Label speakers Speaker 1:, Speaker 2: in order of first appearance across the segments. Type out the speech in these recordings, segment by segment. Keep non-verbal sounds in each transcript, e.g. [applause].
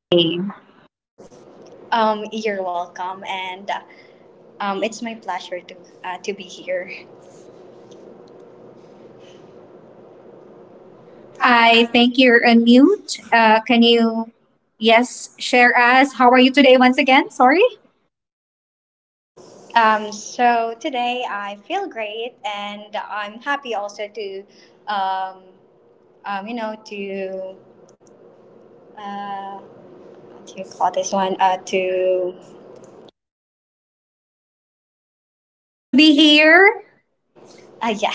Speaker 1: Hey,
Speaker 2: You're welcome, and it's my pleasure to be here.
Speaker 1: I
Speaker 2: Hi.
Speaker 1: think you're on mute. Can you, yes, share us? How are you today once again? Sorry
Speaker 2: So today I feel great, and I'm happy also um, to uh, what do you call this one? To
Speaker 1: to be here.
Speaker 2: Yeah.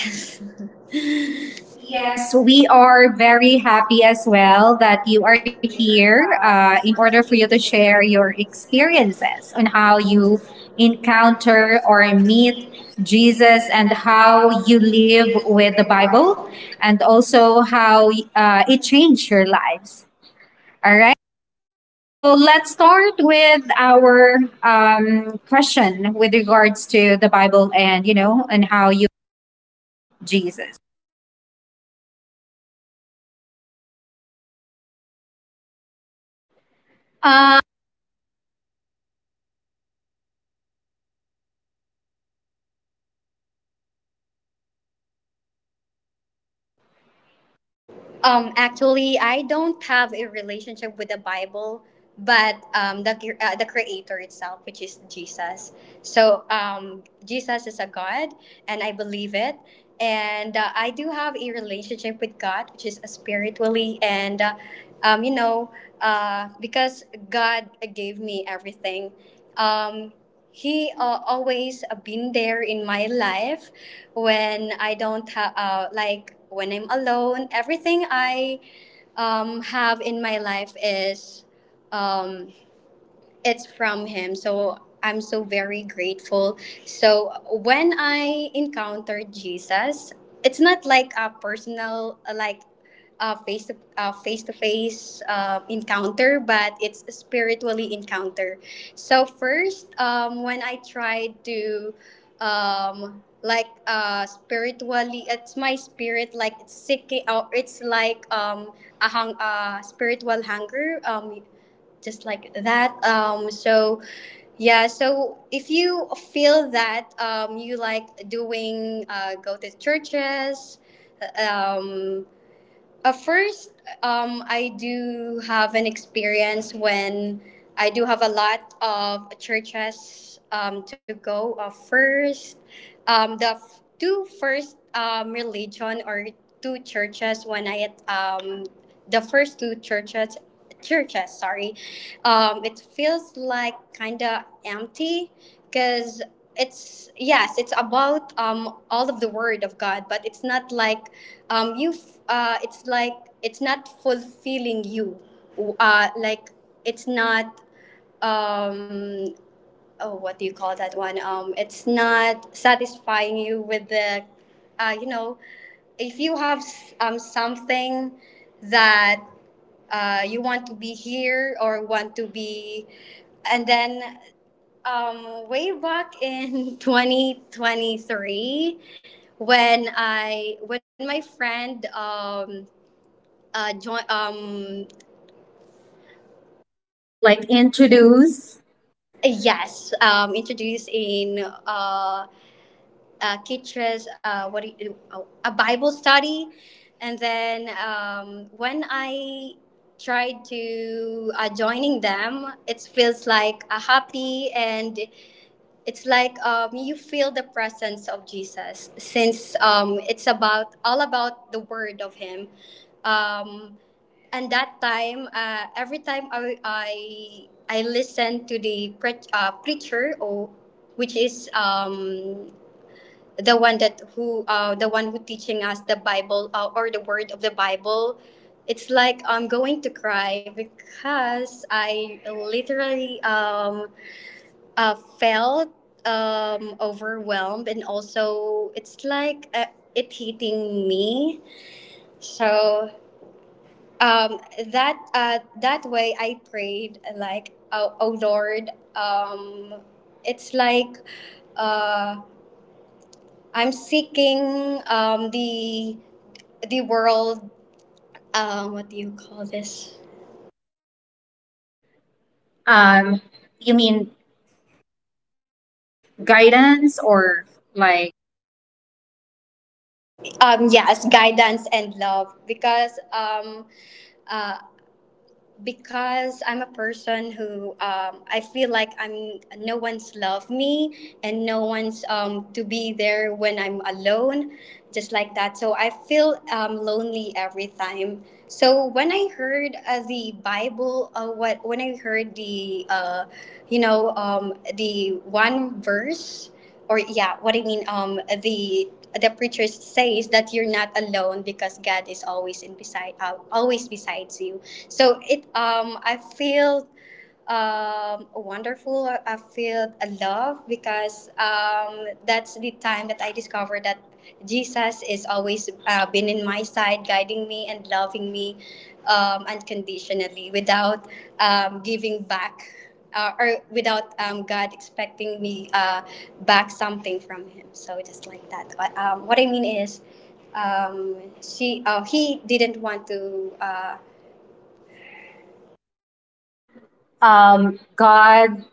Speaker 2: [laughs]
Speaker 1: Yes,
Speaker 2: Yes,
Speaker 1: we
Speaker 2: we
Speaker 1: are
Speaker 2: are
Speaker 1: very
Speaker 2: very
Speaker 1: happy
Speaker 2: happy
Speaker 1: as
Speaker 2: as
Speaker 1: well
Speaker 2: well
Speaker 1: that
Speaker 2: that
Speaker 1: you
Speaker 2: you
Speaker 1: are
Speaker 2: are
Speaker 1: here
Speaker 2: here.
Speaker 1: in
Speaker 2: You want
Speaker 1: order for you to
Speaker 2: us to
Speaker 1: share
Speaker 2: share your
Speaker 1: your experiences
Speaker 2: experiences,
Speaker 1: on how
Speaker 2: how you
Speaker 1: you
Speaker 2: encounter
Speaker 1: encounter or
Speaker 2: or meet
Speaker 1: meet
Speaker 2: Jesus,
Speaker 1: Jesus and
Speaker 2: and
Speaker 1: how
Speaker 2: how you
Speaker 1: you
Speaker 2: deal
Speaker 1: live
Speaker 2: with
Speaker 1: with
Speaker 2: the
Speaker 1: the
Speaker 2: Bible.
Speaker 1: Bible and also how it changed your lives. All right. So let's start with our question with regards to the Bible and you know and how you Jesus. Um,
Speaker 2: Actually, I don't have a relationship with the Bible, but the Creator itself, which is Jesus. So Jesus is a God, and I believe it. And I do have a relationship with God, which is spiritually, and um, you know, because God gave me everything. Um, he always been there in my life when I don't have, like when I'm alone. Everything I have in my life is um, it's from Him. So I'm so very grateful. So when I encountered Jesus, it's not like a personal, like, a face to face encounter, but it's a spiritually encounter. So first, when I tried to, like, spiritually, it's my spirit, like it's seeking, or it's like a spiritual hunger, just like that. So yeah, so if you feel that you like doing, go to churches. uh, um First, I do have an experience when I do have a lot of churches to go. First, two first, religion, or two churches, when the first two churches, sorry, it feels like kind of empty, because it's — yes, it's about, all of the word of God, but it's not like — it's like it's not fulfilling you, like it's not, um oh, what do you call that one, it's not satisfying you with the, uh you know if you have, something that you want to be here or want to be. And then, way back in [laughs] 2023, when my friend, join
Speaker 1: like introduce.
Speaker 2: yes, introduced, in uh, Kitch's, a Bible study. And then, when I tried to, joining them, it feels like a happy, and it's like, you feel the presence of Jesus, since, it's about, all about the word of Him. um, And that time, every time I listen to the preacher, or, which is, the one that who, the one who teaching us the Bible, or the word of the Bible, it's like I'm going to cry, because I literally, felt, overwhelmed, and also it's like, it hitting me. So um that uh that way I prayed, like, oh, oh Lord, it's like, uh I'm seeking, the world, what do you call this?
Speaker 1: Um, you mean guidance or like
Speaker 2: Yes, guidance and love, because, uh, because I'm a person who, I feel like, I'm no one's love me, and no one's, to be there when I'm alone, just like that. So I feel, lonely every time. So when I heard, the Bible, what when I heard the, the one verse, or — yeah, what I mean, the preacher says that you're not alone, because God is always in beside, always besides you. So it, I feel, wonderful. I feel a love, because, that's the time that I discovered that Jesus is always, been in my side, guiding me and loving me, unconditionally, without, giving back, or without, God expecting me, back something from Him. So just like that. What I mean is, um, she, he didn't want to.
Speaker 1: God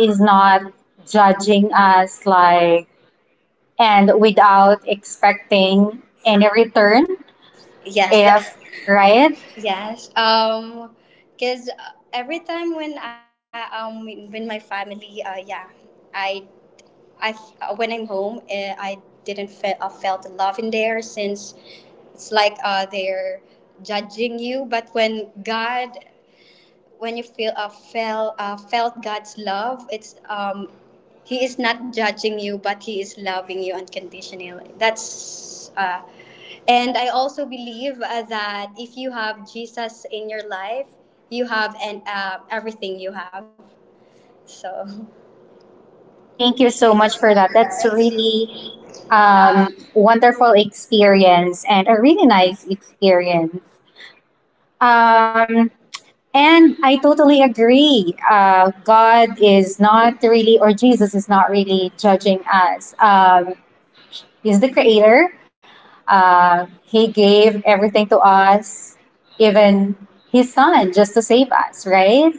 Speaker 1: is not judging us like and without expecting any return.
Speaker 2: Yes.
Speaker 1: Yes. If right,
Speaker 2: Yes. Because every time when I, with my family, yeah, I I when I'm home, I didn't feel, felt love in there, since it's like, they're judging you. But when God — when you feel, felt God's love, it's, He is not judging you, but He is loving you unconditionally. That's, and I also believe, that if you have Jesus in your life, you have, and, everything you have. So.
Speaker 1: thank
Speaker 2: Thank
Speaker 1: you
Speaker 2: you
Speaker 1: so
Speaker 2: so
Speaker 1: much
Speaker 2: much
Speaker 1: for
Speaker 2: for
Speaker 1: that.
Speaker 2: that.
Speaker 1: That's
Speaker 2: That's
Speaker 1: really
Speaker 2: really.
Speaker 1: wonderful experience and a really nice experience. Um, and I totally agree. God is not really, or Jesus is not really judging us. He's the creator. He gave everything to us, even his son, just to save us, right?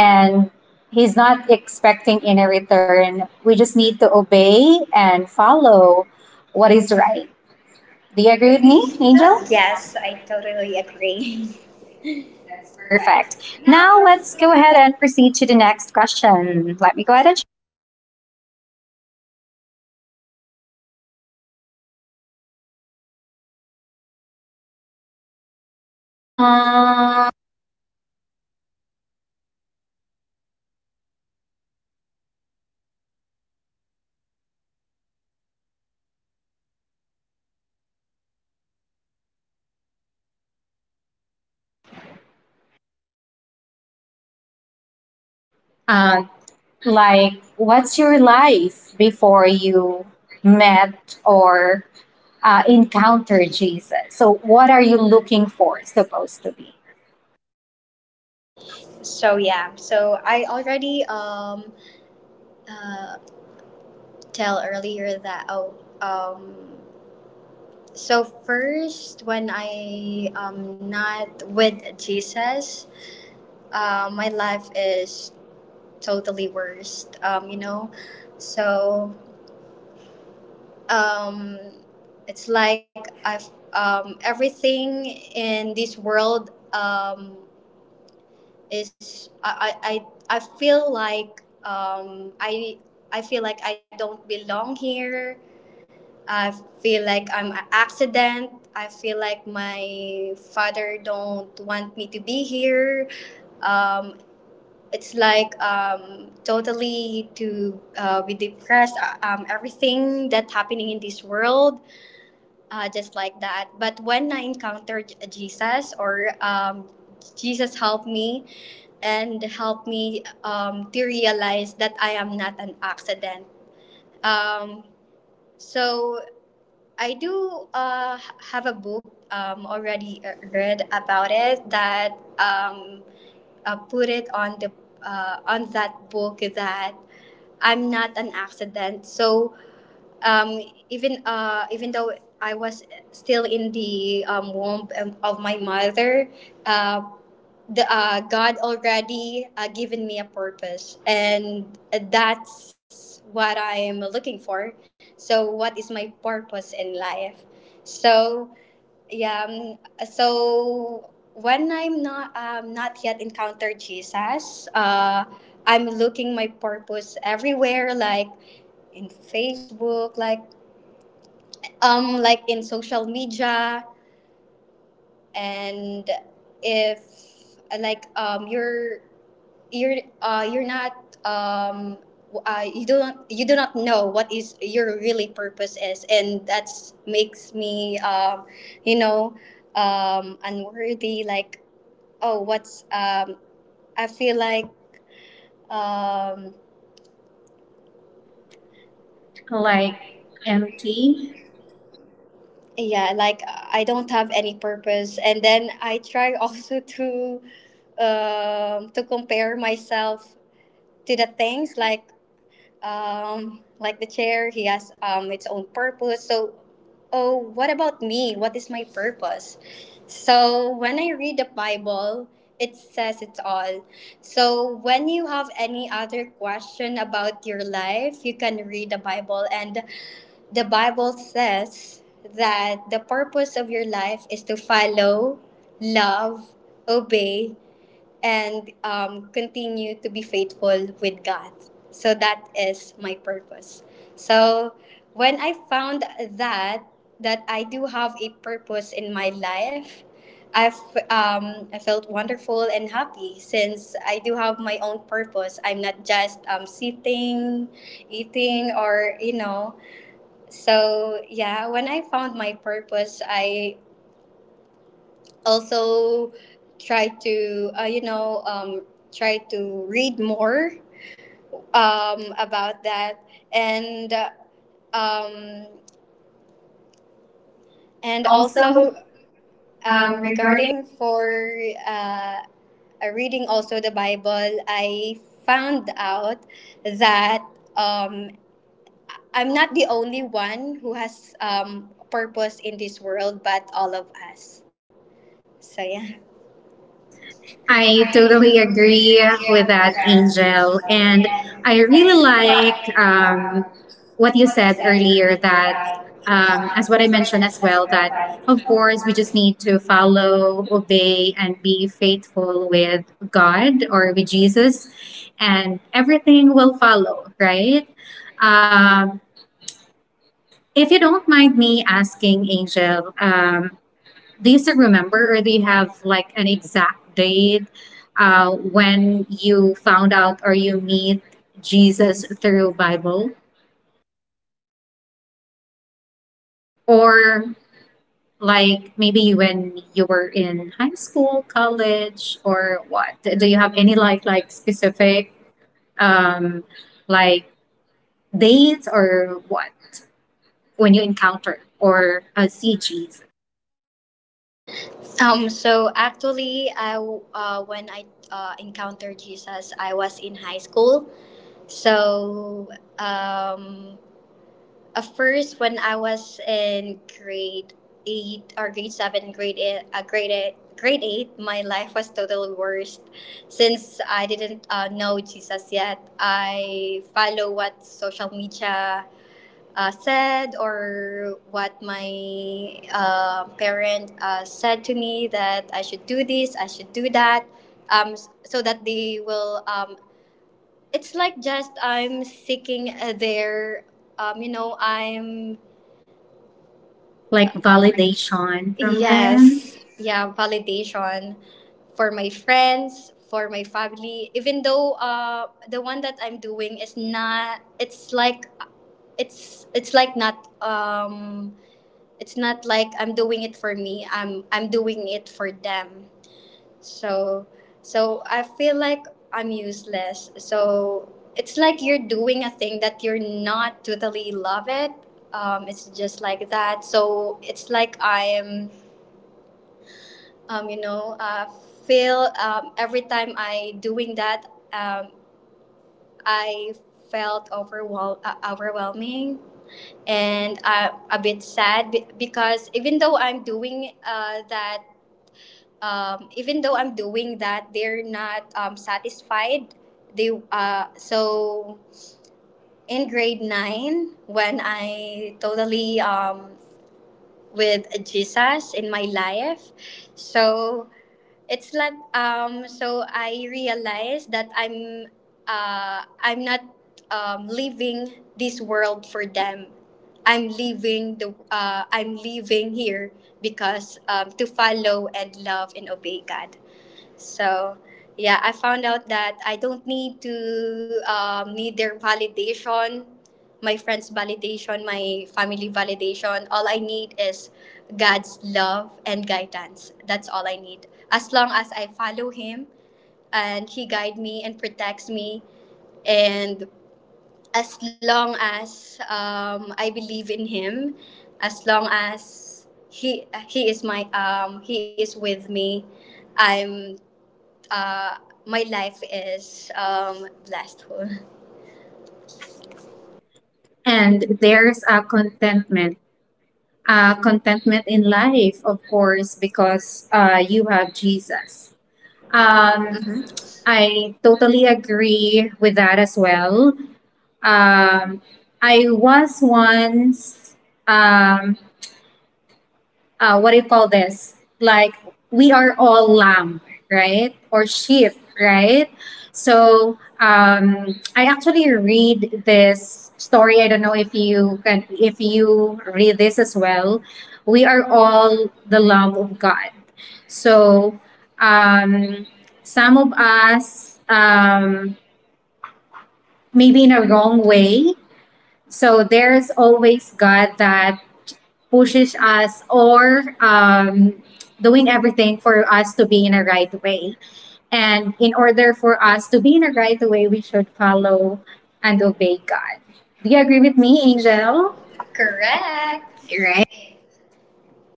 Speaker 1: And he's not expecting any return. We just need to obey and follow what is right. Do you
Speaker 2: Agree
Speaker 1: agree
Speaker 2: with
Speaker 1: with me, Angel?
Speaker 2: me? Yes, I totally agree. [laughs] That's
Speaker 1: That's
Speaker 2: perfect.
Speaker 1: perfect.
Speaker 2: Now
Speaker 1: Now
Speaker 2: let's
Speaker 1: let's
Speaker 2: go
Speaker 1: go ahead
Speaker 2: ahead.
Speaker 1: and proceed to the next question. Let me go ahead and. Uh, uh, like, what's your life before you met or encounter Jesus? So, what are you looking for supposed to be?
Speaker 2: So yeah, so I already, uh. tell earlier that, oh, um so first when I am not with Jesus, my life is totally worst. So um, it's like I've, everything in this world, is — I feel like, I feel like I don't belong here, I feel like I'm an accident. I feel like my father don't want me to be here. Um, it's like, totally to, be depressed. Everything that happening in this world, just like that. But when I encountered Jesus, or, Jesus helped me, and helped me, to realize that I am not an accident. Um, so I do, have a book, already, read about it that, um, put it on the, on that book, that I'm not an accident. So, um, even, even though I was still in the, womb, of my mother, uh, the God already, given me a purpose, and that's what I am looking for. So what is my purpose in life? So yeah. So when I'm not, not yet encountered Jesus, I'm looking my purpose everywhere, like in Facebook, like, like in social media, and if, like, you're not, um, you do not — you do not know what is your really purpose is, and that's makes me, you know unworthy, like, oh, what's, I feel like, um.
Speaker 1: Like, empty.
Speaker 2: Yeah, like I don't have any purpose, and then I try [laughs] also to, to compare myself to the things like, like the chair, he has, its own purpose. So, oh, what about me? What is my purpose? So when I read the Bible, it says it all. So when you have any other question about your life, you can read the Bible. And the Bible says that the purpose of your life is to follow, love, obey, and, continue to be faithful with God. So that is my purpose. So when I found that — that I do have a purpose in my life, I've I felt wonderful and happy, since I do have my own purpose. I'm not just, sitting, eating, or So yeah, when I found my purpose, I also try to, try to read more, about that, and, um,
Speaker 1: And
Speaker 2: and also,
Speaker 1: also, regarding.
Speaker 2: regarding for, uh, reading also the Bible, I found out that, um, I'm not the only one who has, purpose in this world, but all of us. So yeah.
Speaker 1: I
Speaker 2: I took
Speaker 1: totally agree
Speaker 2: degree in
Speaker 1: with that,
Speaker 2: university,
Speaker 1: Angel. And
Speaker 2: and
Speaker 1: I
Speaker 2: I
Speaker 1: really like
Speaker 2: realized,
Speaker 1: what
Speaker 2: what
Speaker 1: you
Speaker 2: you
Speaker 1: said
Speaker 2: said
Speaker 1: earlier
Speaker 2: earlier,
Speaker 1: that,
Speaker 2: that,
Speaker 1: as
Speaker 2: as
Speaker 1: what I
Speaker 2: what I
Speaker 1: mentioned
Speaker 2: mentioned
Speaker 1: as
Speaker 2: as
Speaker 1: well,
Speaker 2: well,
Speaker 1: that
Speaker 2: that
Speaker 1: of
Speaker 2: of
Speaker 1: course we
Speaker 2: course —
Speaker 1: just need to follow, obey, and be faithful with God or with Jesus, and everything will follow, right? Um, if you don't mind me asking, Angel, they used to remember or they have like an exact date when you found out or you meet Jesus through Bible or like maybe when you were in high school college or what do you have any like specific um like dates or what when you encounter or see Jesus
Speaker 2: So actually, when I, encountered Jesus, I was in high school. So, um, at first, when I was in grade eight, or grade seven, grade eight, grade eight, my life was totally worst. Since I didn't, know Jesus yet, I follow what social media, said, or what my, parent, said to me, that I should do this, I should do that, so that they will. It's like, just I'm seeking, their, I'm —
Speaker 1: like validation from them
Speaker 2: yes, yeah, validation for my friends, for my family. Even though, the one that I'm doing is not, it's like it's like not, it's not like I'm doing it for me. I'm doing it for them. So — so I feel like I'm useless. So it's like you're doing a thing that you're not totally love it. It's just like that. So it's like I am, um, you know, uh, feel, every time I doing that, um, I felt overwhelming, and, a bit sad, because even though I'm doing, that, even though I'm doing that, they're not, satisfied. They, so in grade nine, when I totally, with Jesus in my life, so it's like, I realized that I'm, I'm not, leaving this world for them. I'm leaving here because, to follow and love and obey God. So yeah, I found out that I don't need to need their validation, my friends' validation, my family validation. All I need is God's love and guidance. That's all I need. As long as I follow Him and He guide me and protects me, and as long as I believe in Him, as long as He is with me, I'm uh, my life is blissful.
Speaker 1: and there's a contentment, contentment in life, of course, because you have Jesus.
Speaker 2: [laughs]
Speaker 1: Um,
Speaker 2: Mhm.
Speaker 1: I totally agree with that as well. Um, I was once um, what do you call this? Like we are all lamb, right? Or sheep, right? So I actually read this story. I don't know if you can, if you read this as well. We are all the lamb of God. So um, some of us, maybe in a wrong way. So there's always God that pushes us or doing everything for us to be in a right way. And in order for us to be in a right way, we should follow and obey God. Do you agree with me, Angel?
Speaker 2: No. Correct.
Speaker 1: Right.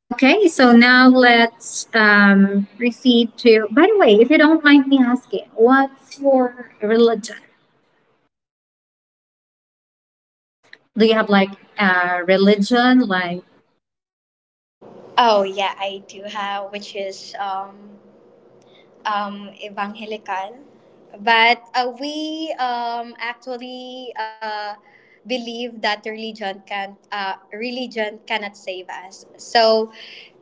Speaker 1: Okay, so now let's proceed to. By the way, if you don't mind me asking, what's your religion? Do you have like a religion, like
Speaker 2: Oh yeah, I do have, which is evangelical, but we actually believe that religion cannot save us. So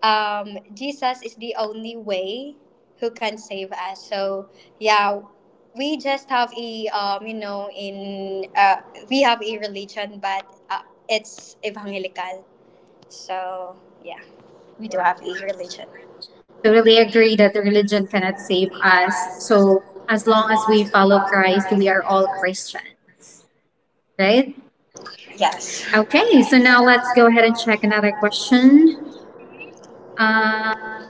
Speaker 2: Jesus is the only way who can save us. So yeah, we just have a in we have a religion, but it's evangelical. So yeah, we do have a religion.
Speaker 1: totally
Speaker 2: Totally agree
Speaker 1: agree that religion cannot
Speaker 2: that
Speaker 1: save
Speaker 2: this is gonna,
Speaker 1: us.
Speaker 2: so
Speaker 1: So as
Speaker 2: as
Speaker 1: long as
Speaker 2: long
Speaker 1: we
Speaker 2: as we
Speaker 1: follow Christ,
Speaker 2: authorize
Speaker 1: we
Speaker 2: the
Speaker 1: are all
Speaker 2: airport.
Speaker 1: Christians, right?
Speaker 2: Yes.
Speaker 1: Okay, so
Speaker 2: Okay, so
Speaker 1: now
Speaker 2: now
Speaker 1: let's go
Speaker 2: let's go
Speaker 1: ahead and
Speaker 2: ahead and
Speaker 1: check another
Speaker 2: try that question.
Speaker 1: question uh,
Speaker 2: Um,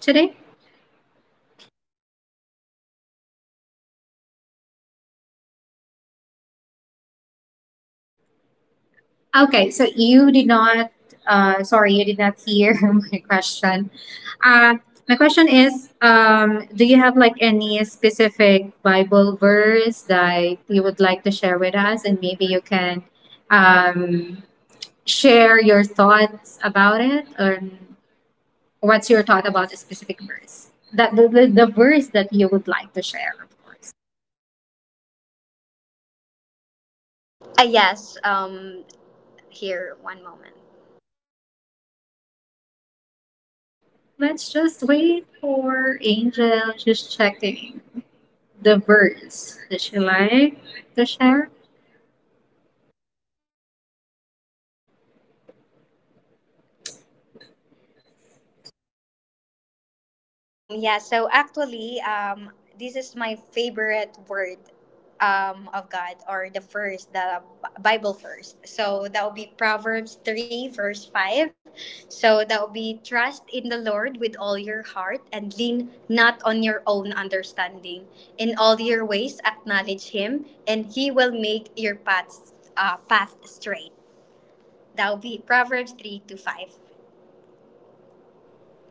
Speaker 1: today. Okay, so you did not, sorry, you did not hear [laughs] my question. Uh, my question is, do you have like any specific Bible verse that you would like to share with us, and maybe you can um, share your thoughts about it or what's your thought about a specific verse that the verse that you would like to share of course.
Speaker 2: Yes. Here, one moment.
Speaker 1: Let's just wait for Angel just checking the verse that she like to share.
Speaker 2: Yeah, so actually, this is my favorite word of God or the first, Bible first. So that will be Proverbs 3, verse 5. So that will be trust in the Lord with all your heart and lean not on your own understanding. In all your ways, acknowledge Him, and He will make your path straight. That will be Proverbs 3 to 5.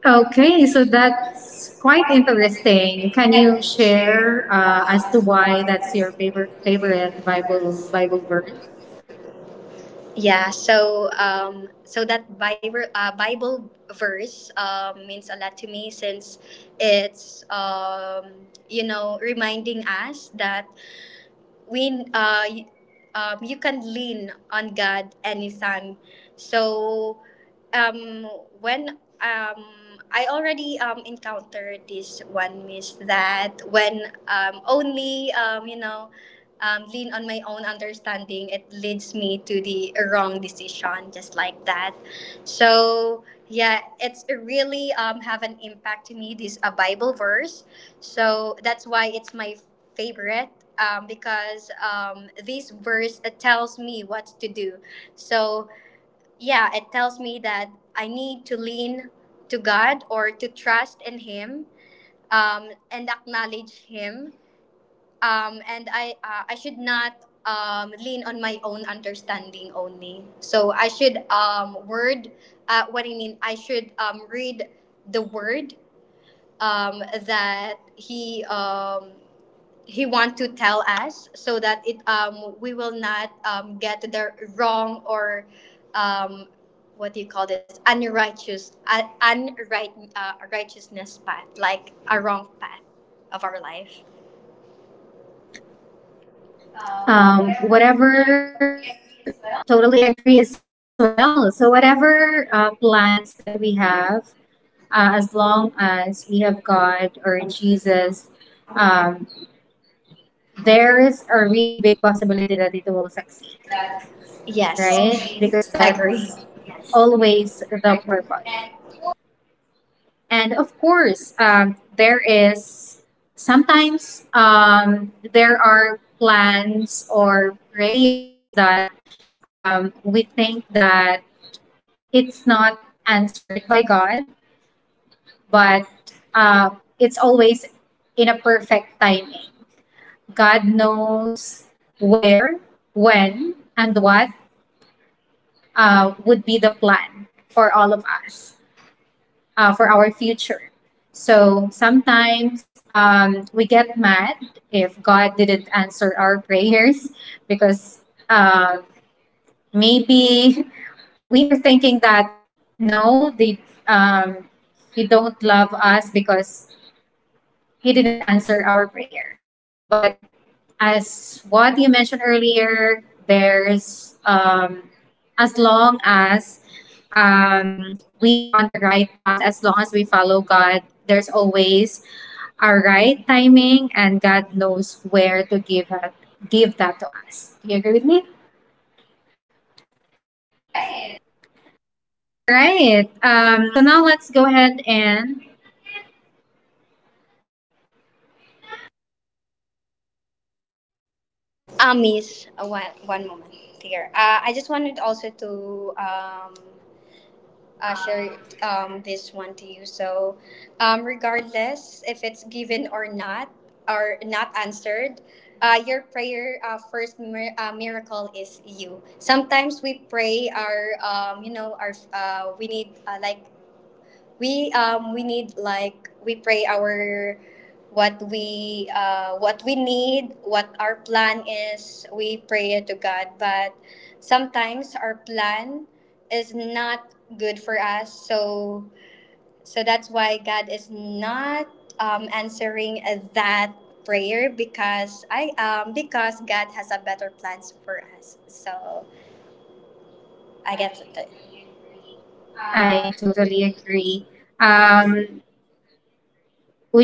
Speaker 1: Okay, so
Speaker 2: Okay, so
Speaker 1: that's
Speaker 2: that's
Speaker 1: quite
Speaker 2: quite
Speaker 1: interesting.
Speaker 2: interesting.
Speaker 1: Can you
Speaker 2: Can you
Speaker 1: share
Speaker 2: share
Speaker 1: as to
Speaker 2: as to
Speaker 1: why
Speaker 2: why
Speaker 1: that's your
Speaker 2: that's your
Speaker 1: favorite
Speaker 2: favorite
Speaker 1: favorite
Speaker 2: favorite
Speaker 1: Bible verse?
Speaker 2: Bible verse? Yeah, so so that Bible verse means a lot to me, since it's reminding us that we uh, y- you can lean on God anytime. So um, when um, I already encountered this one miss, that when only lean on my own understanding, it leads me to the wrong decision, just like that. So yeah, it's really have an impact to me, this a Bible verse, so that's why it's my favorite, because this verse tells me what to do. So yeah, it tells me that I need to lean to God, or to trust in Him, and acknowledge Him. And I should not lean on my own understanding only. So I should what I mean, I should read the word that He. He want to tell us, so that it we will not get the wrong, or um what do you call this, unrighteous unright righteousness path, like a wrong path of our life,
Speaker 1: Um,
Speaker 2: whatever we agree
Speaker 1: whatever,
Speaker 2: as
Speaker 1: totally
Speaker 2: well,
Speaker 1: agree as well. So whatever plans that we have as long as we have God or Jesus, um, there is a really big possibility that it will
Speaker 2: because
Speaker 1: succeed,
Speaker 2: that is, yes,
Speaker 1: right, because
Speaker 2: always agree.
Speaker 1: that's always the purpose.
Speaker 2: And
Speaker 1: And of course there is sometimes there are plans or prayers that we think that it's not answered by God, but uh, it's always in a perfect timing. God knows where, when, and what would be the plan for all of us, for our future. So sometimes we get mad if God didn't answer our [laughs] prayers because, um, maybe [laughs] we are thinking that no, they, um, you don't love us because he didn't answer our prayer. But as what you mentioned earlier, there's as long as um, we are on the right path, as long as we follow God, there's always our right timing, and God knows where to give that to us. Do you agree with me?
Speaker 2: all right,
Speaker 1: Right. So now let's go ahead and
Speaker 2: miss, one moment here, I just wanted also to share this one to you. So regardless, if it's given or not answered, your prayer, first miracle is you. Sometimes we pray our, we need, like we need, like we pray our, what we need, what our plan is, we pray it to God. But sometimes our plan is not good for us. So that's why God is not answering that prayer, because I because God has a better plans for us. So I guess it.
Speaker 1: I totally agree. Um,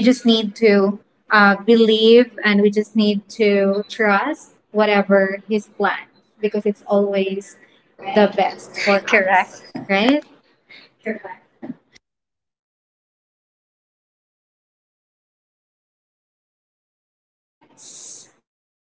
Speaker 1: we just need to believe and we just need to trust whatever his plan because it's always the best for us.
Speaker 2: Correct.
Speaker 1: Right? Correct. Now let's.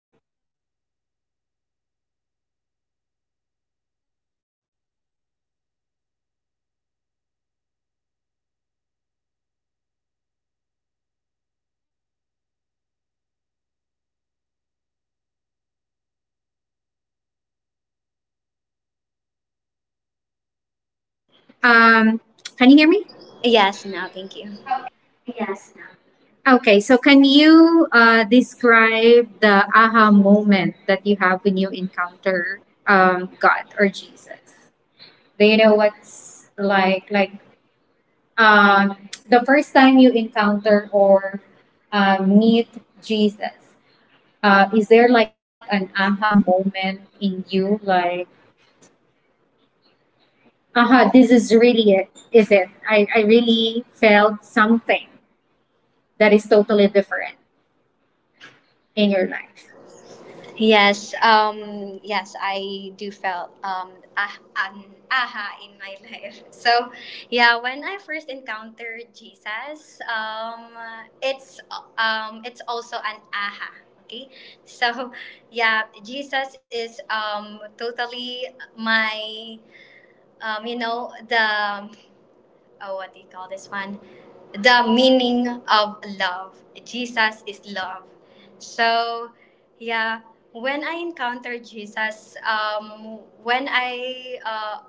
Speaker 1: Um, can you hear me?
Speaker 2: Yes, now thank you.
Speaker 1: Okay, so can you describe the aha moment that you have when you encounter God or Jesus? Do you know what's like um the first time you encounter or meet Jesus? Is there like an aha moment in you? Like, aha, this is really it. Is it? I really felt something that is totally different in your life.
Speaker 2: Yes, I do felt ah, an aha in my [laughs] life. So yeah, when I first encountered Jesus, it's it's also an aha. Okay, so yeah, Jesus is totally my um, you know the oh, what do you call this one? The meaning of love. Jesus is love. So yeah, when I encountered Jesus,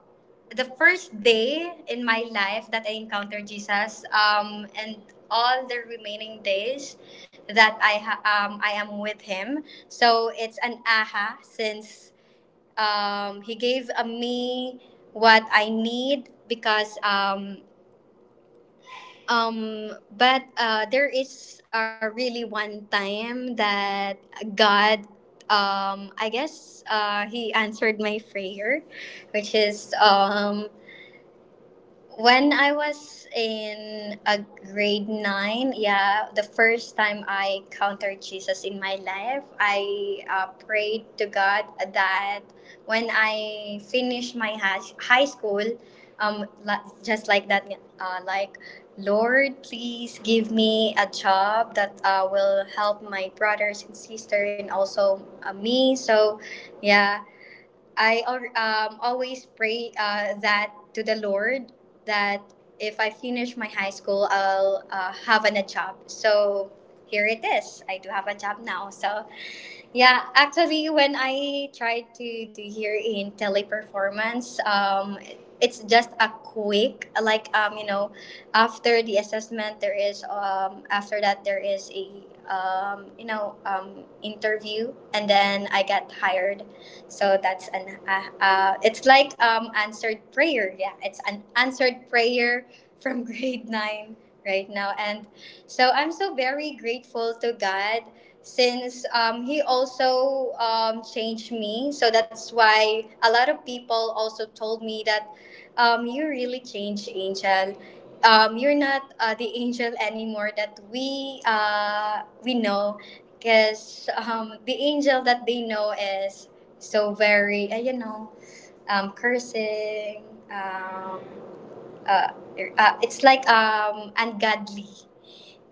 Speaker 2: the first day in my life that I encountered Jesus, and all the remaining days that I am with Him, so it's an aha, since He gave me what I need. Because um, um, but there is really one time that God, I guess, He answered my prayer, which is when I was in a grade nine. Yeah, the first time I encountered Jesus in my life, I prayed to God that when I finish my high school, just like that, like, Lord, please give me a job that will help my brothers and sister, and also me. So yeah, I al- always pray that to the Lord, that if I finish my high school, I'll have a job. So here it is. I do have a job now. So yeah, actually, when I tried to do here in Teleperformance, it's just a quick, like, after the assessment, there is, after that, there is a, interview, and then I got hired. So that's it's like answered prayer. Yeah, it's an answered prayer from [laughs] grade nine right now. And so I'm so very grateful to God, since He also changed me. So that's why a lot of people also told me that you really changed, Angel. You're not the angel anymore that we know, because the angel that they know is so very cursing. Um, uh, it's like ungodly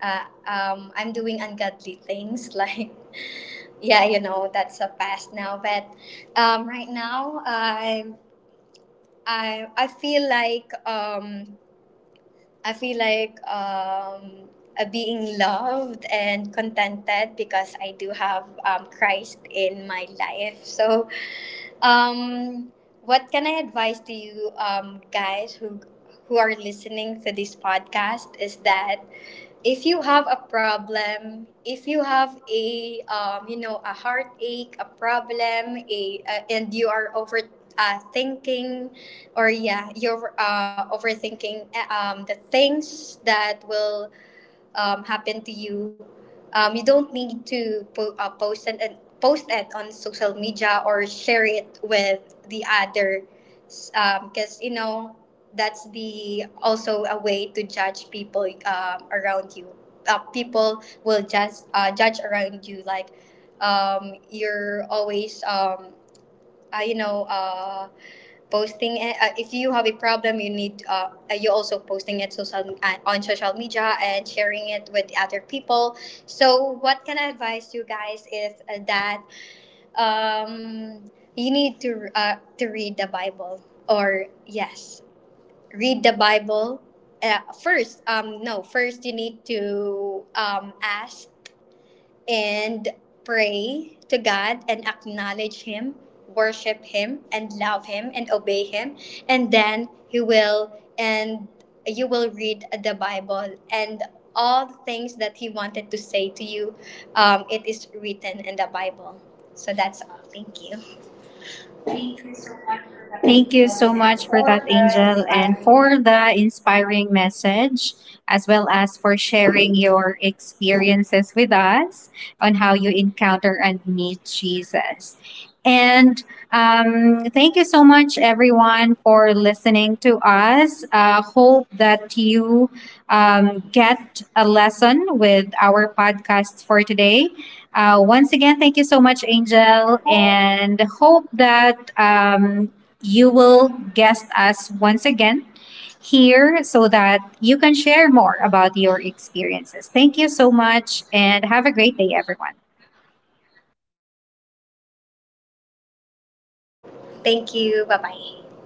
Speaker 2: I'm doing ungodly things. [laughs] Like, yeah, that's a past now. But right now, I, I feel like um, I feel like being loved and contented, because I do have Christ in my life. So um, what can I advise to you guys, who are listening to this podcast, is that if you have a problem, if you have a a heartache, a problem, a and you are over thinking, or yeah, you're overthinking the things that will happen to you, you don't need to post and post it on social media, or share it with the other, because that's the also a way to judge people around you. People will just judge around you, like you're always uh, you know. Uh, posting it. If you have a problem, you need you also posting it, social on social media, and sharing it with other people. So what can I advise you guys is that um, you need to read the Bible. Or yes, read the Bible. First, no. First, you need to ask and pray to God, and acknowledge Him, worship Him, and love Him and obey Him. And then He will, and you will read the Bible and all the things that He wanted to say to you. It is written in the Bible. So that's all. Thank you. Thank you so much for that,
Speaker 1: Thank you so
Speaker 2: Angel,
Speaker 1: much
Speaker 2: and
Speaker 1: for that,
Speaker 2: for the
Speaker 1: Angel, and
Speaker 2: inspiring.
Speaker 1: for the inspiring message, as well as for sharing your experiences with us on how you encounter and meet Jesus. And thank you so much, everyone, for listening to us. Hope that you get a lesson with our podcast for today. Once again, thank you so much, Angel, and hope that you will guest us once again here so that you can share more about your experiences. Thank you so much, and have a great day, everyone.
Speaker 2: Thank you. Bye bye.